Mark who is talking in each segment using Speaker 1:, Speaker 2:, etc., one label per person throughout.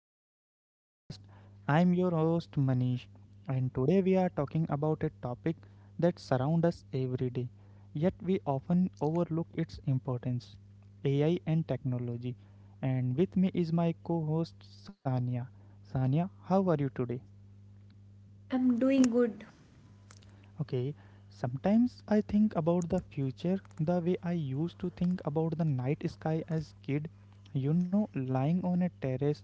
Speaker 1: welcome to the podcast. I'm your host, Manish, and today we are talking about a topic that surrounds us every day, yet we often overlook its importance, AI and technology. And with me is my co host, Sania. Sania, how are you today?
Speaker 2: I'm doing good.
Speaker 1: Okay, sometimes I think about the future the way I used to think about the night sky as kid. Lying on a terrace,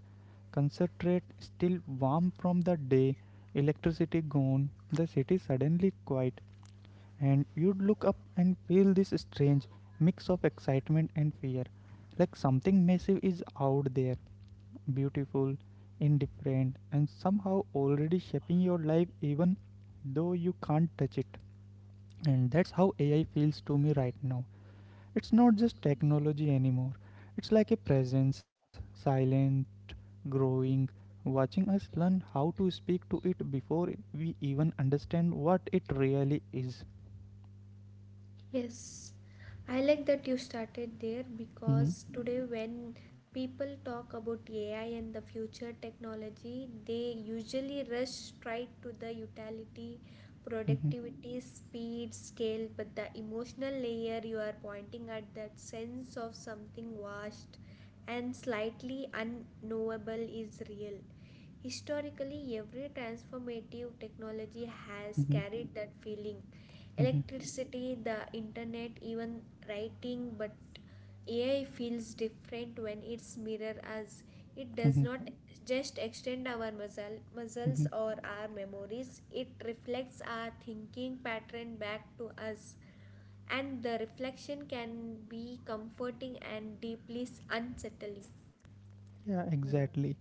Speaker 1: concentrate still warm from the day, electricity gone, the city suddenly quiet, and you'd look up and feel this strange mix of excitement and fear, like something massive is out there beautiful, indifferent, and somehow already shaping your life even though you can't touch it. And that's how AI feels to me right now. It's not just technology anymore, it's like a presence, silent, growing, watching us learn how to speak to it before we even understand what it really is.
Speaker 2: Yes, I like that you started there
Speaker 1: Mhm.
Speaker 2: because today, when people talk about AI and the future technology, they usually rush straight to the utility,
Speaker 1: Mhm.
Speaker 2: productivity, speed, scale, but the emotional layer you are pointing at, that sense of something vast and slightly unknowable, is real. Historically, every transformative technology has
Speaker 1: Mhm.
Speaker 2: carried that feeling.
Speaker 1: Mhm.
Speaker 2: Electricity, the internet, even writing, but AI feels different when it's mirror us. It
Speaker 1: Mhm.
Speaker 2: does not just extend our muscles
Speaker 1: Mhm.
Speaker 2: or our memories, it reflects our thinking pattern back to us. And the reflection can be comforting and deeply unsettling.
Speaker 1: Yeah, exactly.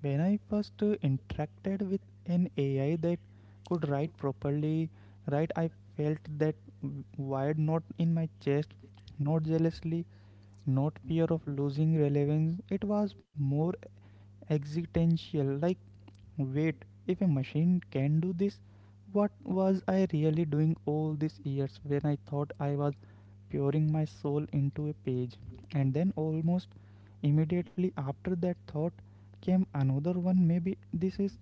Speaker 1: When I first interacted with an AI that could write properly, right, I felt that wired knot in my chest, not jealously, not fear of losing relevance. It was more existential, like, wait, if a machine can do this, what was I really doing all these years when I thought I was pouring my soul into a page. And then, almost immediately after that thought, came another one. Maybe this is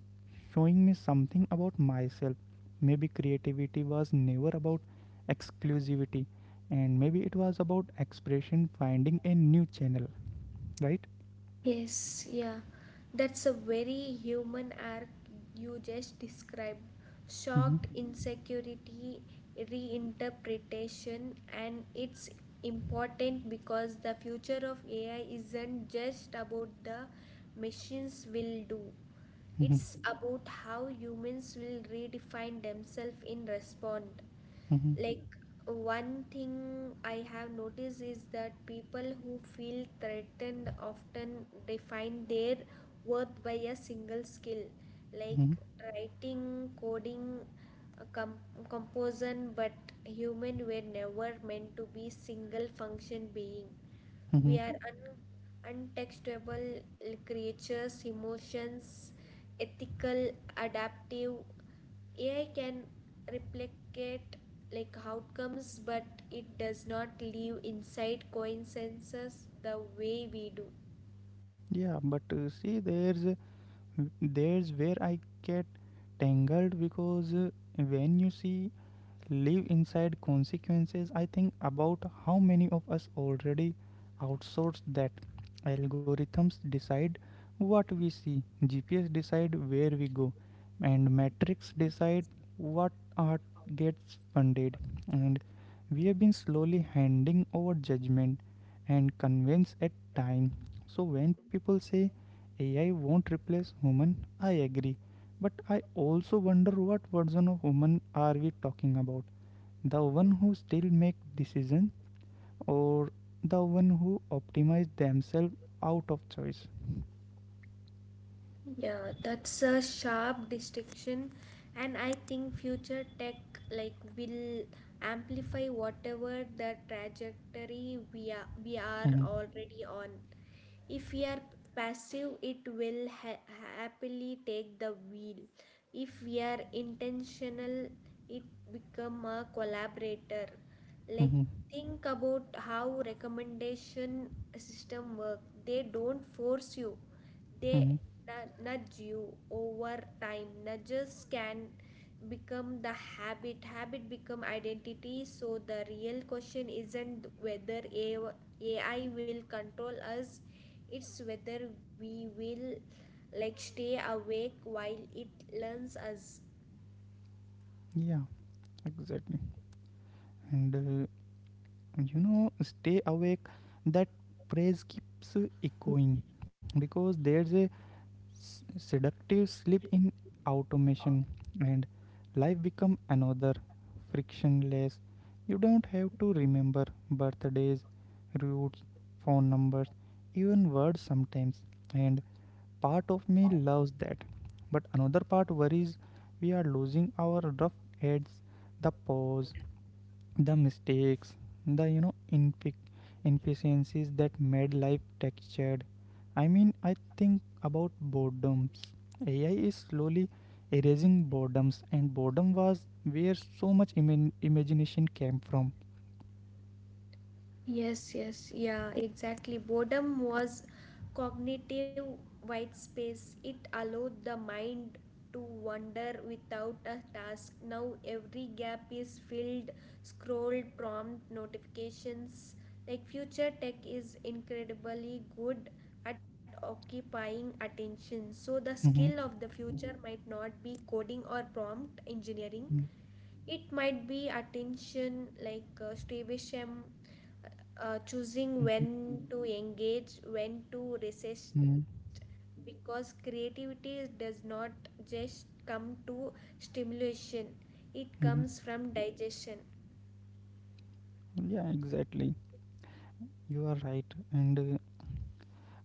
Speaker 1: showing me something about myself. Maybe creativity was never about exclusivity, and maybe it was about expression finding a new channel, right?
Speaker 2: Yes, yeah. That's a very human arc you just described.
Speaker 1: Hmm.
Speaker 2: Shock, insecurity, reinterpretation, and it's important because the future of AI isn't just about the machines will do.
Speaker 1: Hmm.
Speaker 2: It's about how humans will redefine themselves in response.
Speaker 1: Hmm.
Speaker 2: Like, one thing I have noticed is that people who feel threatened often define their worth by a single skill,
Speaker 1: Hmm.
Speaker 2: like writing, coding, uh, com- composition, but human were never meant to be single function being. We
Speaker 1: Hmm.
Speaker 2: are untextable creatures, emotions, ethical, adaptive. AI can replicate like outcomes, but it does not live inside coincidences the way we do.
Speaker 1: Yeah, but see, there's where I get tangled because when you see live inside consequences, I think about how many of us already outsource that. Algorithms decide what we see, GPS decide where we go, and metrics decide what art gets funded. And we have been slowly handing over judgment and convince at time. So when people say AI won't replace human, I agree. But I also wonder what version of woman are we talking about? The one who still make decisions or the one who optimize themselves out of choice?
Speaker 2: Yeah, that's a sharp distinction, and I think future tech like will amplify whatever the trajectory we are
Speaker 1: Mhm,
Speaker 2: already on. If we are passive, it will happily take the wheel. If we are intentional, it become a collaborator. Like,
Speaker 1: mhm,
Speaker 2: think about how recommendation system work. They don't force you, they
Speaker 1: mhm.
Speaker 2: nudge you over time. Nudges can become the habit, habit become identity, so the real question isn't whether AI will control us, it's whether we will like stay awake while it learns us.
Speaker 1: Yeah, exactly. And stay awake, that phrase keeps echoing because there's a s- seductive slip in automation and life become another frictionless. You don't have to remember birthdays, routes, phone numbers, even words sometimes. And part of me loves that, but another part worries we are losing our rough edges, the pause, the mistakes, the inefficiencies that made life textured. I mean, I think about boredoms. AI is slowly erasing boredoms, and boredom was where so much imagination came from.
Speaker 2: Yes, yes, yeah, exactly. Boredom was cognitive white space. It allowed the mind to wander without a task. Now every gap is filled, scroll, prompt, notifications. Like future tech is incredibly good at occupying attention. So the skill
Speaker 1: Mm-hmm.
Speaker 2: of the future might not be coding or prompt engineering. It might be attention like Stevesham, choosing
Speaker 1: Hmm.
Speaker 2: when to engage, when to resist,
Speaker 1: Hmm.
Speaker 2: because creativity does not just come to stimulation, it comes
Speaker 1: Hmm.
Speaker 2: from digestion.
Speaker 1: Yeah, exactly. You are right. And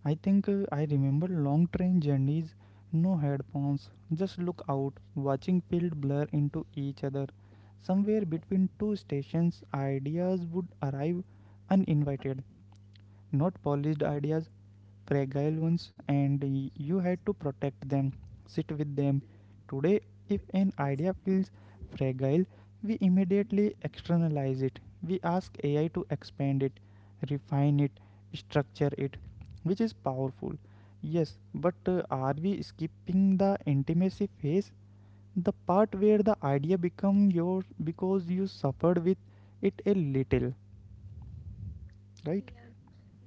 Speaker 1: I think I remember long train journeys, no headphones, just look out, watching fields blur into each other. Somewhere between two stations, ideas would arrive uninvited, not polished ideas, fragile ones and you had to protect them, sit with them. Today, if an idea feels fragile, we immediately externalize it. We ask AI to expand it, refine it, structure it, which is powerful. Yes, but are we skipping the intimacy phase? The part where the idea become yours because you suffered with it a little, right?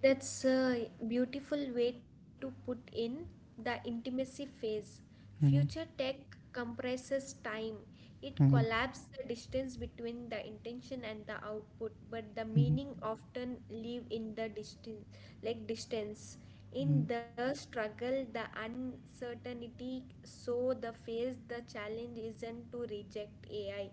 Speaker 2: That's a beautiful way to put in the intimacy phase. Future
Speaker 1: Mm-hmm.
Speaker 2: tech compresses time. It
Speaker 1: Mm-hmm.
Speaker 2: collapses the distance between the intention and the output, but the
Speaker 1: Mm-hmm. Mm-hmm.
Speaker 2: meaning often live in the distance, like distance. In the struggle, the uncertainty, so the phase, the challenge isn't to reject AI,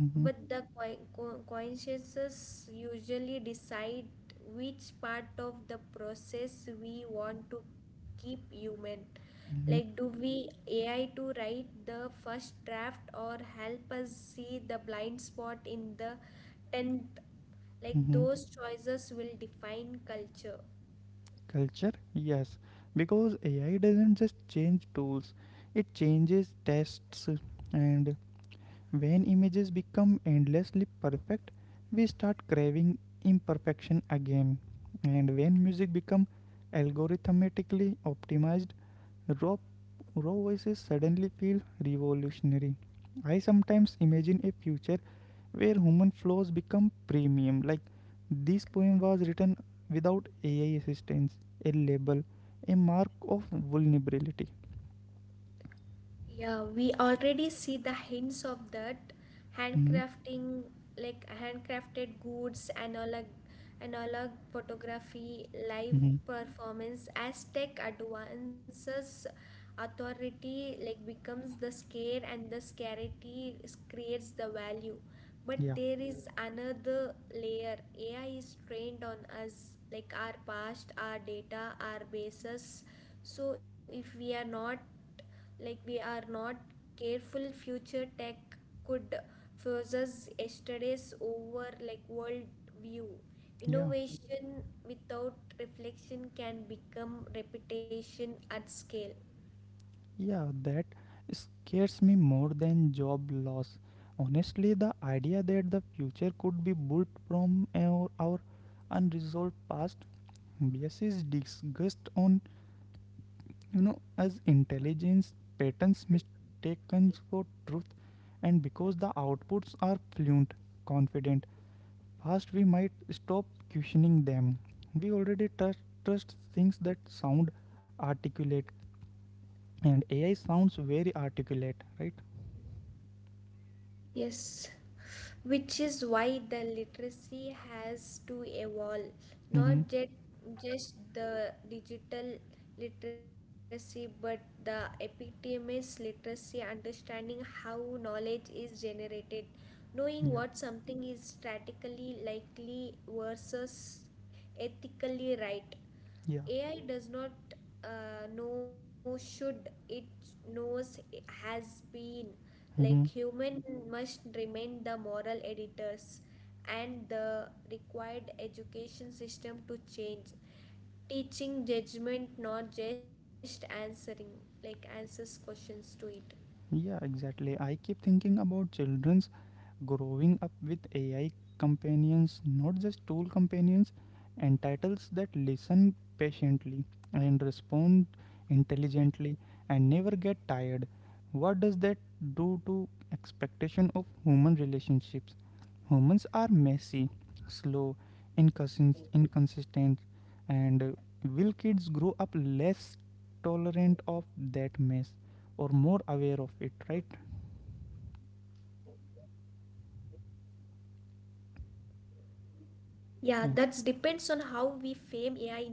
Speaker 1: Mm-hmm.
Speaker 2: but the consciences usually decide which part of the process we want to keep human. Like,
Speaker 1: Mm-hmm.
Speaker 2: do we AI to write the first draft or help us see the blind spot in the tenth? Like,
Speaker 1: Mm-hmm.
Speaker 2: those choices will define culture.
Speaker 1: Culture? Yes. Because AI doesn't just change tools, it changes tests. And when images become endlessly perfect, we start craving imperfection again. And when music becomes algorithmically optimized, raw, raw voices suddenly feel revolutionary. I sometimes imagine a future where human flaws become premium. Like this poem was written without AI assistance, a label, a mark of vulnerability.
Speaker 2: Yeah, we already see the hints of that,
Speaker 1: Mhm.
Speaker 2: handcrafting, like handcrafted goods, analog, analog photography, live
Speaker 1: Mhm.
Speaker 2: performance. As tech advances, authority like becomes the scare, and the creates the value. But
Speaker 1: Yeah,
Speaker 2: there is another layer. AI is trained on us, like our past, our data, our bases. So if we are not careful, future tech could fuse us yesterday's over like world view.
Speaker 1: yeah,
Speaker 2: Innovation without reflection can become repetition at scale.
Speaker 1: yeah. That scares me more than job loss. Honestly, the idea that the future could be built from our unresolved past biases disgust on as intelligence patterns mistaken for truth. And because the outputs are fluent, confident, fast, we might stop questioning them. We already trust things that sound articulate, and AI sounds very articulate, right?
Speaker 2: Yes, which is why the literacy has to evolve,
Speaker 1: Mm-hmm.
Speaker 2: not just the digital literacy but the epistemic literacy, understanding how knowledge is generated, knowing what
Speaker 1: Yeah,
Speaker 2: something is statically likely versus ethically right.
Speaker 1: yeah.
Speaker 2: AI does not know should it, knows has been, like
Speaker 1: Mm-hmm.
Speaker 2: human must remain the moral editors, and the required education system to change, teaching judgment, not just answering like answers questions to it.
Speaker 1: Yeah, exactly. I keep thinking about children growing up with AI companions, not just tool companions, entitles that listen patiently and respond intelligently and never get tired. What does that do to expectation of human relationships? Humans are messy, slow, inconsistent, and will kids grow up less tolerant of that mess or more aware of it? Right?
Speaker 2: Yeah, that depends on how we frame AI in their lives.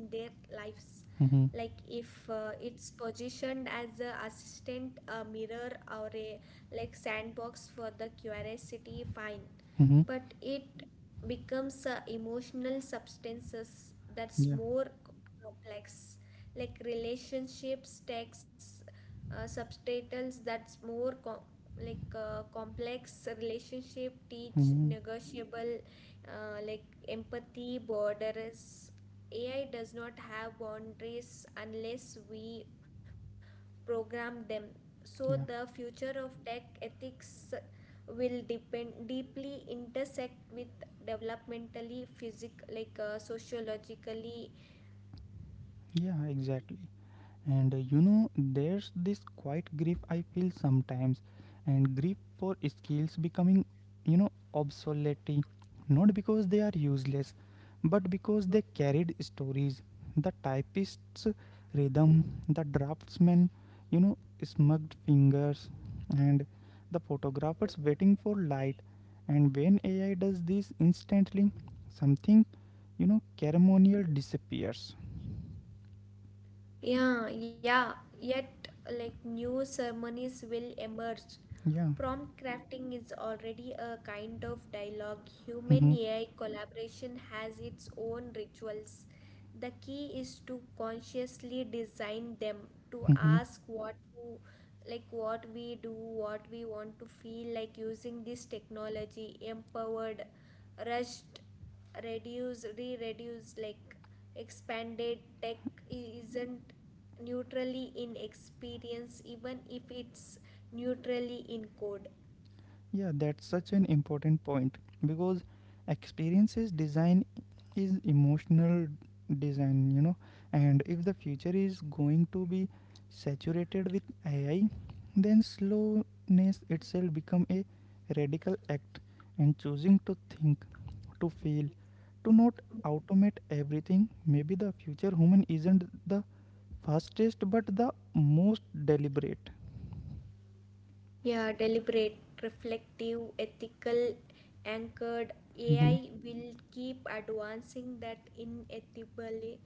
Speaker 2: Like if
Speaker 1: Mm-hmm.
Speaker 2: it's positioned as a assistant, a mirror, or a like sandbox for the curiosity, fine, but
Speaker 1: Hmm.
Speaker 2: it becomes emotional substances, that's
Speaker 1: Yeah.
Speaker 2: more complex, like relationships texts, subtitles, that's more complex relationship teach
Speaker 1: Hmm.
Speaker 2: negotiable, like empathy borders. AI does not have boundaries unless we program them. So
Speaker 1: Yeah.
Speaker 2: the future of tech ethics will depend deeply intersect with developmentally physic like sociologically.
Speaker 1: Yeah, exactly. And there's this quiet grief I feel sometimes, and grief for skills becoming, obsolete, not because they are useless, but because they carried stories. The typist's rhythm, the draftsman, you know, smugged fingers, and the photographers waiting for light. And when AI does this instantly, something, ceremonial disappears.
Speaker 2: Yeah, yeah. Yet, like new ceremonies will emerge.
Speaker 1: Yeah.
Speaker 2: Prompt crafting is already a kind of dialogue. Human
Speaker 1: Mm-hmm.
Speaker 2: AI collaboration has its own rituals. The key is to consciously design them, to
Speaker 1: Mm-hmm.
Speaker 2: ask what to like what we do, what we want to feel like using this technology, empowered, rushed, reduce re-reduce like expanded. Tech isn't neutrally in experience even if it's neutrally in code.
Speaker 1: Yeah, that's such an important point because experiences design is emotional design. And if the future is going to be saturated with AI, then slowness itself become a radical act and choosing to think, to feel, to not automate everything. Maybe the future human isn't the fastest but the most deliberate.
Speaker 2: Yeah, deliberate, reflective, ethical, anchored.
Speaker 1: Mhm.
Speaker 2: AI will keep advancing that inevitably,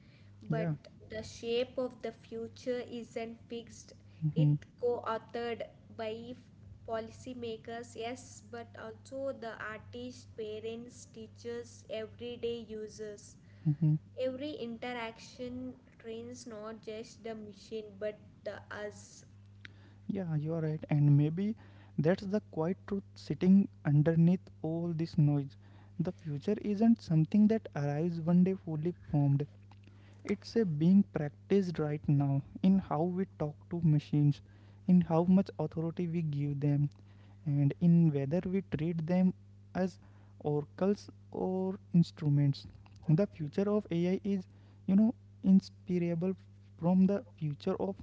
Speaker 1: Yeah.
Speaker 2: but the shape of the future isn't fixed. It co-authored by policymakers, yes, but also the artists, parents, teachers, everyday users.
Speaker 1: Hmm.
Speaker 2: Every interaction trains not just the machine but the us.
Speaker 1: Yeah, you are right. And maybe that's the quiet truth sitting underneath all this noise. The future isn't something that arrives one day fully formed. It's a being practiced right now in how we talk to machines, in how much authority we give them, and in whether we treat them as oracles or instruments. The future of AI is, you know, inseparable from the future of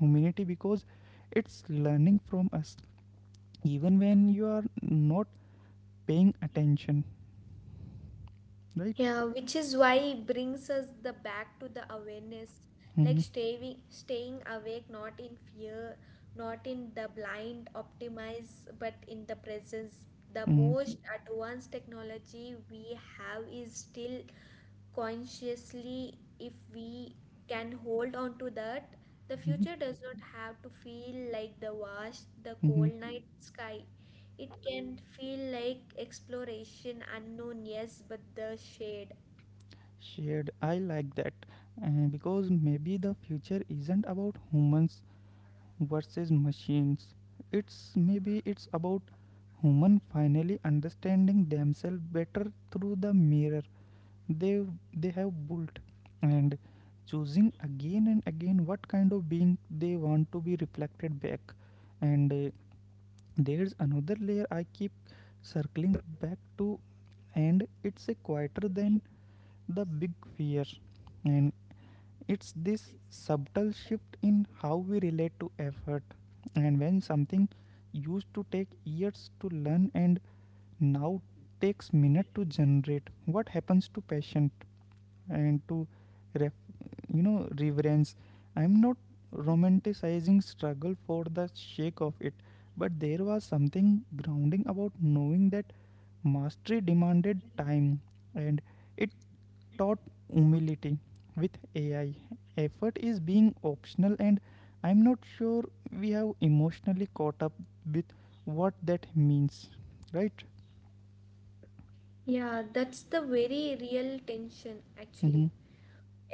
Speaker 1: humanity because it's learning from us even when you are not paying attention, right?
Speaker 2: Yeah, which is why it brings us the back to the awareness, like
Speaker 1: Mm-hmm.
Speaker 2: staying awake, not in fear, not in the blind optimize, but in the presence. The
Speaker 1: Mm-hmm.
Speaker 2: most advanced technology we have is still consciously. If we can hold on to that, the
Speaker 1: Mm-hmm.
Speaker 2: future does not have to feel like the wash the
Speaker 1: Mm-hmm.
Speaker 2: cold night sky. It can feel like exploration unknown, yes, but the shade.
Speaker 1: Shared, I like that. uh, because maybe the future isn't about humans versus machines. It's maybe it's about human finally understanding themselves better through the mirror they they have built and choosing again and again what kind of being they want to be reflected back. And there's another layer I keep circling back to, and it's a quieter than the big fear. And it's this subtle shift in how we relate to effort. And when something used to take years to learn and now takes minute to generate, what happens to passion and to ref, you know reverence? I'm not romanticizing struggle for the sake of it, but there was something grounding about knowing that mastery demanded time and it taught humility. With AI, effort is being optional and I'm not sure we have emotionally caught up with what that means, right?
Speaker 2: Yeah, that's the very real tension actually.
Speaker 1: Mm-hmm.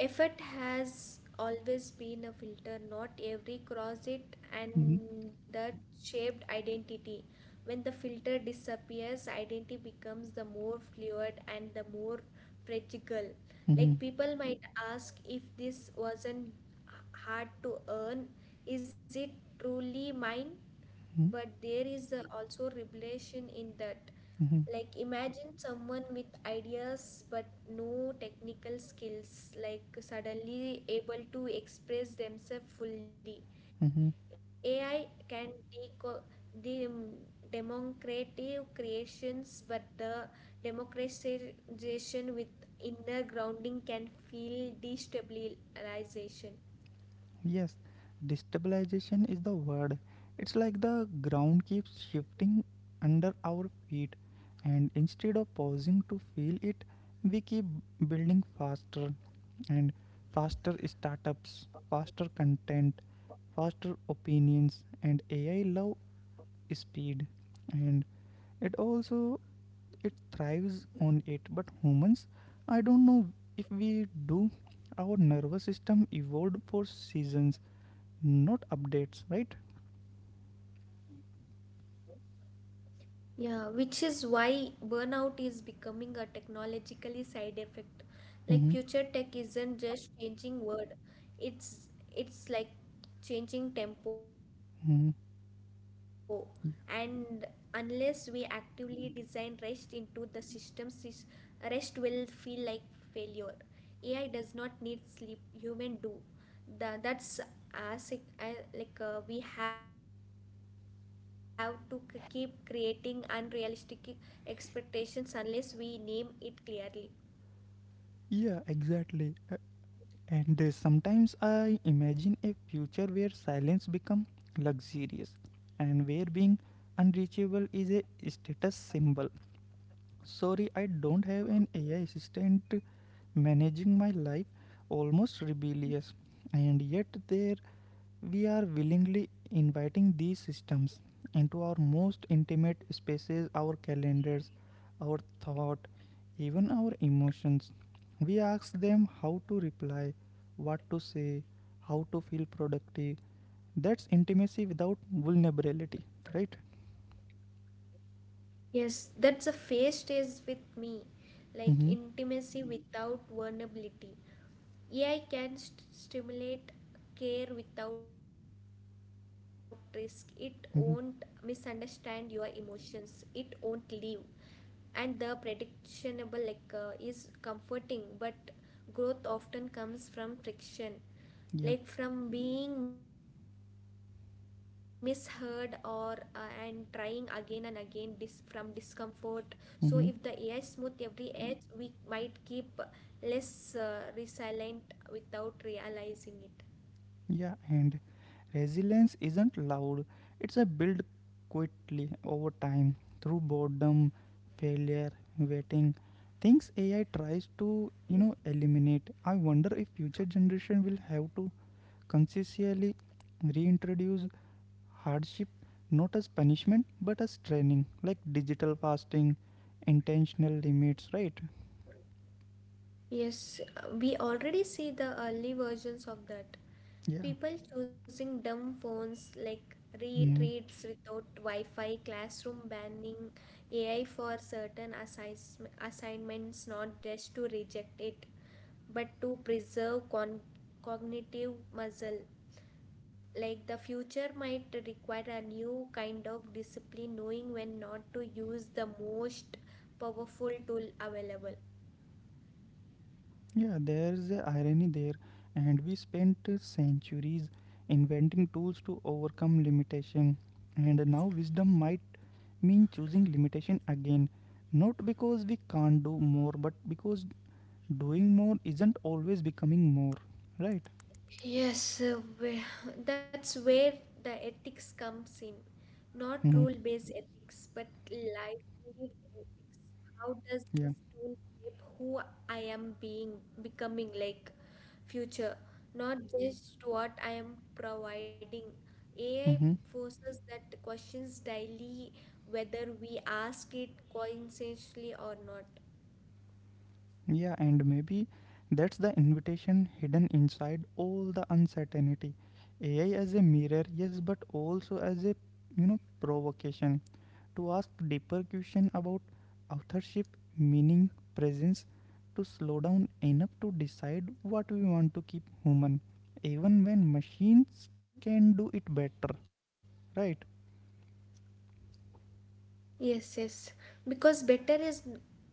Speaker 2: Effort has always been a filter, not every cross it,
Speaker 1: Mm-hmm.
Speaker 2: and that shaped identity. When the filter disappears, identity becomes the more fluid and the more fragile.
Speaker 1: Mm-hmm.
Speaker 2: Like people might ask, if this wasn't hard to earn, is it truly mine? But
Speaker 1: Mm-hmm.
Speaker 2: there is also revelation in that.
Speaker 1: Mm-hmm.
Speaker 2: Like imagine someone with ideas but no technical skills like suddenly able to express themselves fully.
Speaker 1: Mm-hmm.
Speaker 2: AI can dem- democratic creations, but the democratization with inner grounding can feel destabilization.
Speaker 1: Yes, destabilization is the word. It's like the ground keeps shifting under our feet, and instead of pausing to feel it, we keep building faster and faster startups, faster content, faster opinions, and AI love speed. And it also it thrives on it, but humans, I don't know if we do. Our nervous system evolved for seasons, not updates, right?
Speaker 2: Yeah, which is why burnout is becoming a technologically side effect. Like future tech isn't just
Speaker 1: Mm-hmm.
Speaker 2: changing word, it's it's like changing tempo. And unless
Speaker 1: Mm-hmm.
Speaker 2: we actively design rest into the systems, rest will feel like failure. AI does not need sleep, human do. The that's as it, I, like we have to keep creating unrealistic expectations unless we name it clearly.
Speaker 1: Yeah, exactly. And sometimes I imagine a future where silence becomes luxurious and where being unreachable is a status symbol. Sorry, I don't have an AI assistant managing my life, almost rebellious. And yet, there we are willingly inviting these systems into our most intimate spaces, our calendars, our thought, even our emotions. We ask them how to reply, what to say, how to feel productive. That's intimacy without vulnerability, right?
Speaker 2: Yes, that's a phase stays with me, like
Speaker 1: Mm-hmm.
Speaker 2: intimacy without vulnerability. AI can stimulate care without risk. It won't misunderstand
Speaker 1: Mm-hmm.
Speaker 2: your emotions. It won't leave. And the predictionable like is comforting, but growth often comes from friction,
Speaker 1: Yeah.
Speaker 2: like from being misheard or and trying again and again from discomfort. So if the AI smooth
Speaker 1: Mm-hmm.
Speaker 2: every edge, we might keep less resilient without realizing it.
Speaker 1: Yeah, and resilience isn't loud, it's a build quietly over time through boredom, failure, waiting. Things AI tries to, eliminate. I wonder if future generation will have to consciously reintroduce hardship, not as punishment but as training, like digital fasting, intentional limits, right?
Speaker 2: Yes, we already see the early versions of that.
Speaker 1: Yeah.
Speaker 2: People choosing dumb phones like
Speaker 1: Mm.
Speaker 2: retreats without Wi-Fi, classroom banning AI for certain assis assignments, not just to reject it, but to preserve con cognitive muscle. Like the future might require a new kind of discipline, knowing when not to use the most powerful tool available.
Speaker 1: Yeah, there's a irony there, and we spent centuries inventing tools to overcome limitation, and now wisdom might mean choosing limitation again, not because we can't do more, but because doing more isn't always becoming more, right?
Speaker 2: Yes, that's where the ethics comes in. Not
Speaker 1: Mm-hmm.
Speaker 2: rule-based ethics, but life lived ethics. How does
Speaker 1: Yeah.
Speaker 2: this tool shape who I am being, becoming like future, not just what I am providing. AI
Speaker 1: Mm-hmm.
Speaker 2: forces that questions daily, whether we ask it consciously or not.
Speaker 1: Yeah, and maybe that's the invitation hidden inside all the uncertainty. AI as a mirror, yes, but also as a provocation to ask deeper question about authorship, meaning, presence, to slow down enough to decide what we want to keep human, even when machines can do it better, right?
Speaker 2: Yes, yes. Because better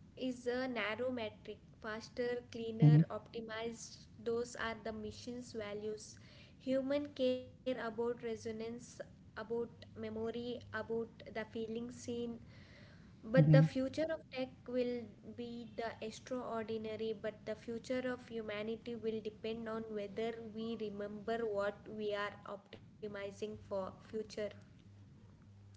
Speaker 2: is a narrow metric. Faster,
Speaker 1: Mm-hmm.
Speaker 2: cleaner, optimized, those are the mission's values. Human care about resonance, about memory, about the feeling seen. But the
Speaker 1: Mm-hmm.
Speaker 2: future of tech will be the extraordinary, but the future of humanity will depend on whether we remember what we are optimizing for future.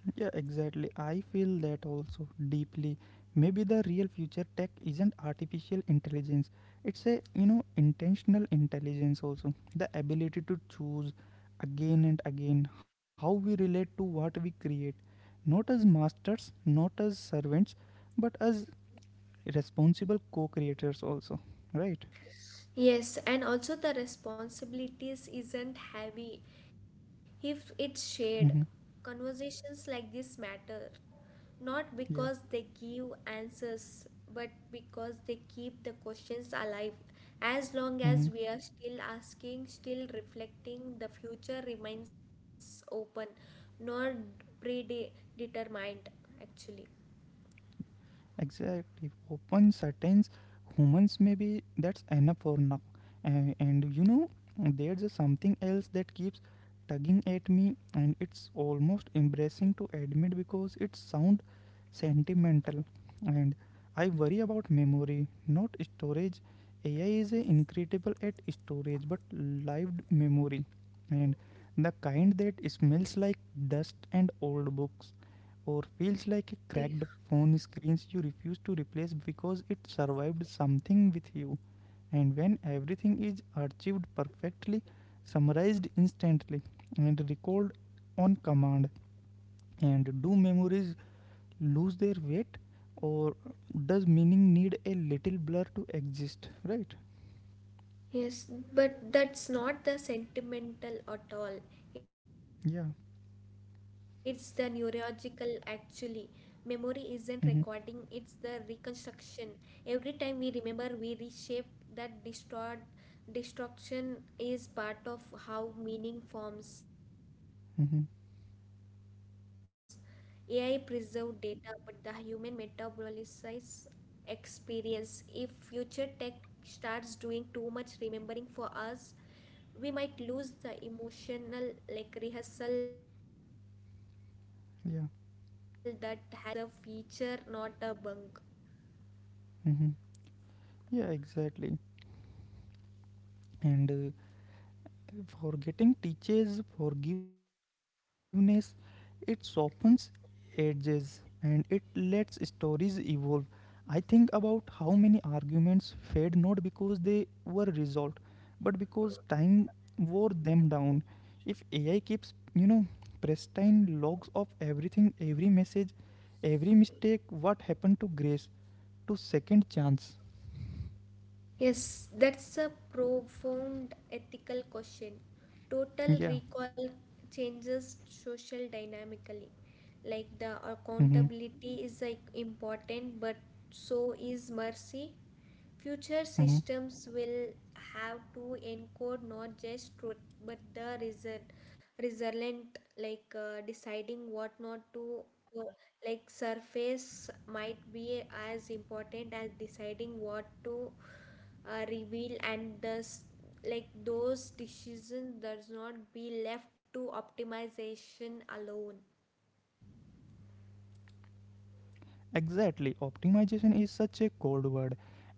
Speaker 1: Yeah, exactly. I feel that also deeply. Maybe the real future tech isn't artificial intelligence. It's a, intentional intelligence also. The ability to choose again and again how we relate to what we create. Not as masters, not as servants, but as responsible co creators also. Right?
Speaker 2: Yes, and also the responsibilities isn't heavy if it's shared.
Speaker 1: Mm-hmm.
Speaker 2: Conversations like this matter, not because
Speaker 1: Yeah.
Speaker 2: they give answers, but because they keep the questions alive. As long as
Speaker 1: Mm-hmm.
Speaker 2: we are still asking, still reflecting, the future remains open, not predetermined, actually.
Speaker 1: Exactly. Open certains humans, maybe that's enough for now. And there's a something else that keeps tugging at me and it's almost embarrassing to admit because it sound sentimental and I worry about memory, not storage. AI is a incredible at storage but lived memory, and the kind that smells like dust and old books or feels like a
Speaker 2: Yeah.
Speaker 1: cracked phone screens you refuse to replace because it survived something with you. And when everything is archived perfectly, summarized instantly, and recalled on command, and do memories lose their weight, or does meaning need a little blur to exist? Right?
Speaker 2: Yes, but that's not the sentimental at all. It's the
Speaker 1: Yeah.
Speaker 2: neurological actually. Memory isn't recording, it's the
Speaker 1: Mm-hmm.
Speaker 2: reconstruction. Every time we remember, we reshape that distort destruction is part of how meaning forms. AI
Speaker 1: Mm-hmm.
Speaker 2: preserve data, but the human metabolizes experience. If future tech starts doing too much remembering for us, we might lose the emotional like rehearsal that help us grow forgetting,
Speaker 1: Yeah.
Speaker 2: like strangely is a feature not a bug.
Speaker 1: Mm-hmm. Yeah, exactly. And forgetting teaches forgiveness, it softens edges and it lets stories evolve. I think about how many arguments fade not because they were resolved, but because time wore them down. If AI keeps, pristine logs of everything, every message, every mistake, what happened to grace, to second chance?
Speaker 2: Yes, that's a profound ethical question. Total
Speaker 1: Yeah.
Speaker 2: recall changes social dynamically, like the
Speaker 1: Mm-hmm.
Speaker 2: accountability is like important, but so is mercy. Future
Speaker 1: Mm-hmm.
Speaker 2: systems will have to encode not just truth but the reason, resilient, like deciding what not to. uh, Like surface might be as important as deciding what to reveal, and thus like those decisions does not be left to optimization alone.
Speaker 1: Exactly, optimization is such a cold word, and uh,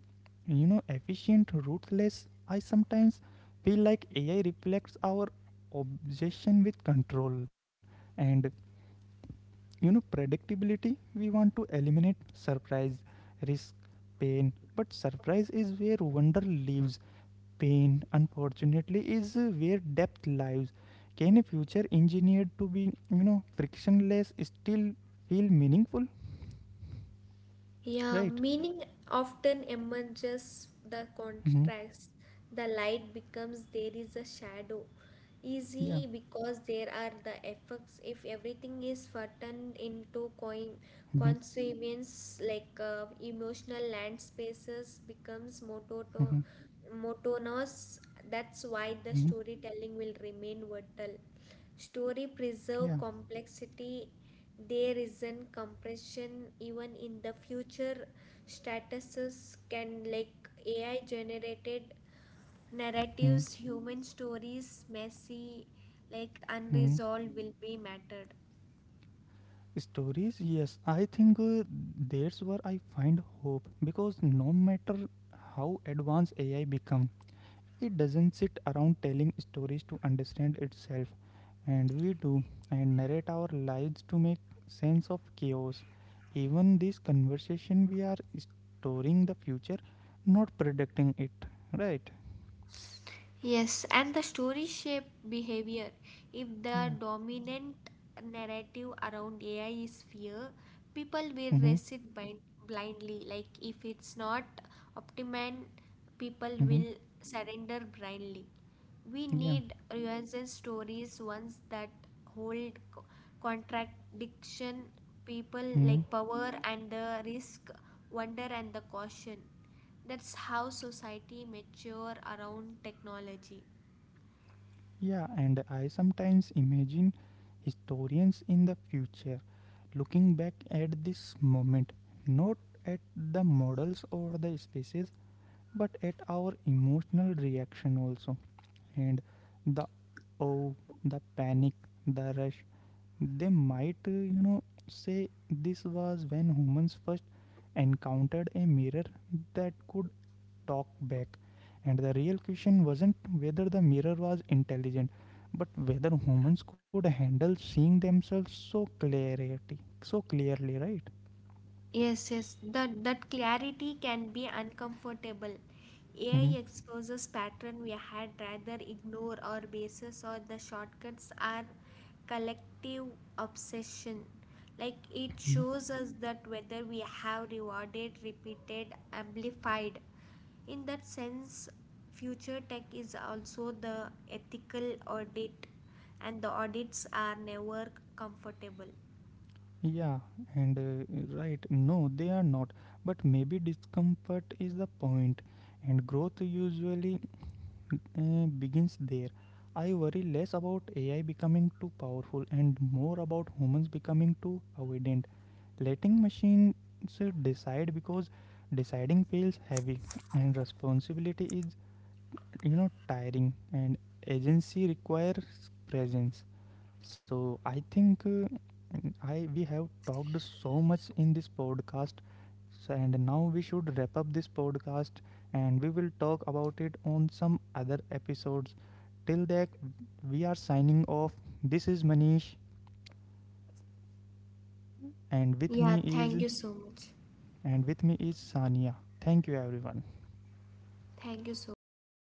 Speaker 1: you know, efficient, ruthless. I sometimes feel like AI reflects our obsession with control and predictability. We want to eliminate surprise, risk, pain, but surprise is where wonder lives. Pain, unfortunately, is where depth lives. Can a future engineered to be, frictionless still feel meaningful?
Speaker 2: Yeah,
Speaker 1: Right.
Speaker 2: meaning often emerges the
Speaker 1: Mm-hmm.
Speaker 2: contrast. The light becomes there is a shadow. Easy
Speaker 1: Yeah.
Speaker 2: because there are the effects. If everything is flattened into coin
Speaker 1: Mm-hmm.
Speaker 2: consequence, like emotional land spaces becomes
Speaker 1: Mm-hmm.
Speaker 2: monotonous. That's why
Speaker 1: Mm-hmm.
Speaker 2: the storytelling will remain vital. Story
Speaker 1: Yeah.
Speaker 2: preserve complexity, there isn't compression even in the future. Statuses can like AI generated narratives, human stories, messy, like
Speaker 1: Mm-hmm.
Speaker 2: unresolved will be mattered.
Speaker 1: Stories, yes. I think that's where I find hope because no matter how advanced AI become, it doesn't sit around telling stories to understand itself, and we do and narrate our lives to make sense of chaos. Even this conversation, we are storing the future, not predicting it, right?
Speaker 2: Yes, and the story shape behavior. If the
Speaker 1: Yeah.
Speaker 2: dominant narrative around AI is fear, people will
Speaker 1: Mm-hmm.
Speaker 2: race it blindly. Like if it's not optimal, people
Speaker 1: Mm-hmm.
Speaker 2: will surrender blindly. We
Speaker 1: Yeah.
Speaker 2: need realistic stories, ones that hold contradiction, people
Speaker 1: Hmm.
Speaker 2: like power and the risk, wonder and the caution. That's how society mature around technology.
Speaker 1: Yeah, and I sometimes imagine historians in the future looking back at this moment, not at the models or the spaces, but at our emotional reaction also. And the oh, the panic, the rush. They might, say this was when humans first encountered a mirror that could talk back. And the real question wasn't whether the mirror was intelligent, but whether humans could handle seeing themselves so clarity, so clearly, right?
Speaker 2: Yes, yes, that clarity can be uncomfortable.
Speaker 1: Hmm.
Speaker 2: AI exposes pattern we had rather ignore or basis or the shortcuts are collective obsession. Like it shows us that whether we have rewarded, repeated, amplified. In that sense, future tech is also the ethical audit, and the audits are never comfortable.
Speaker 1: Yeah, and right, no, they are not. But maybe discomfort is the point, and growth usually begins there. I worry less about AI becoming too powerful and more about humans becoming too avoidant. Letting machines decide because deciding feels heavy and responsibility is tiring and agency requires presence. So I think I we have talked so much in this podcast so, and now we should wrap up this podcast and we will talk about it on some other episodes. Till that, we are signing off. This is Manish, and with
Speaker 2: Yeah,
Speaker 1: me is
Speaker 2: thank you so much.
Speaker 1: and with me is Sania. Thank you, everyone.
Speaker 2: Thank you so much.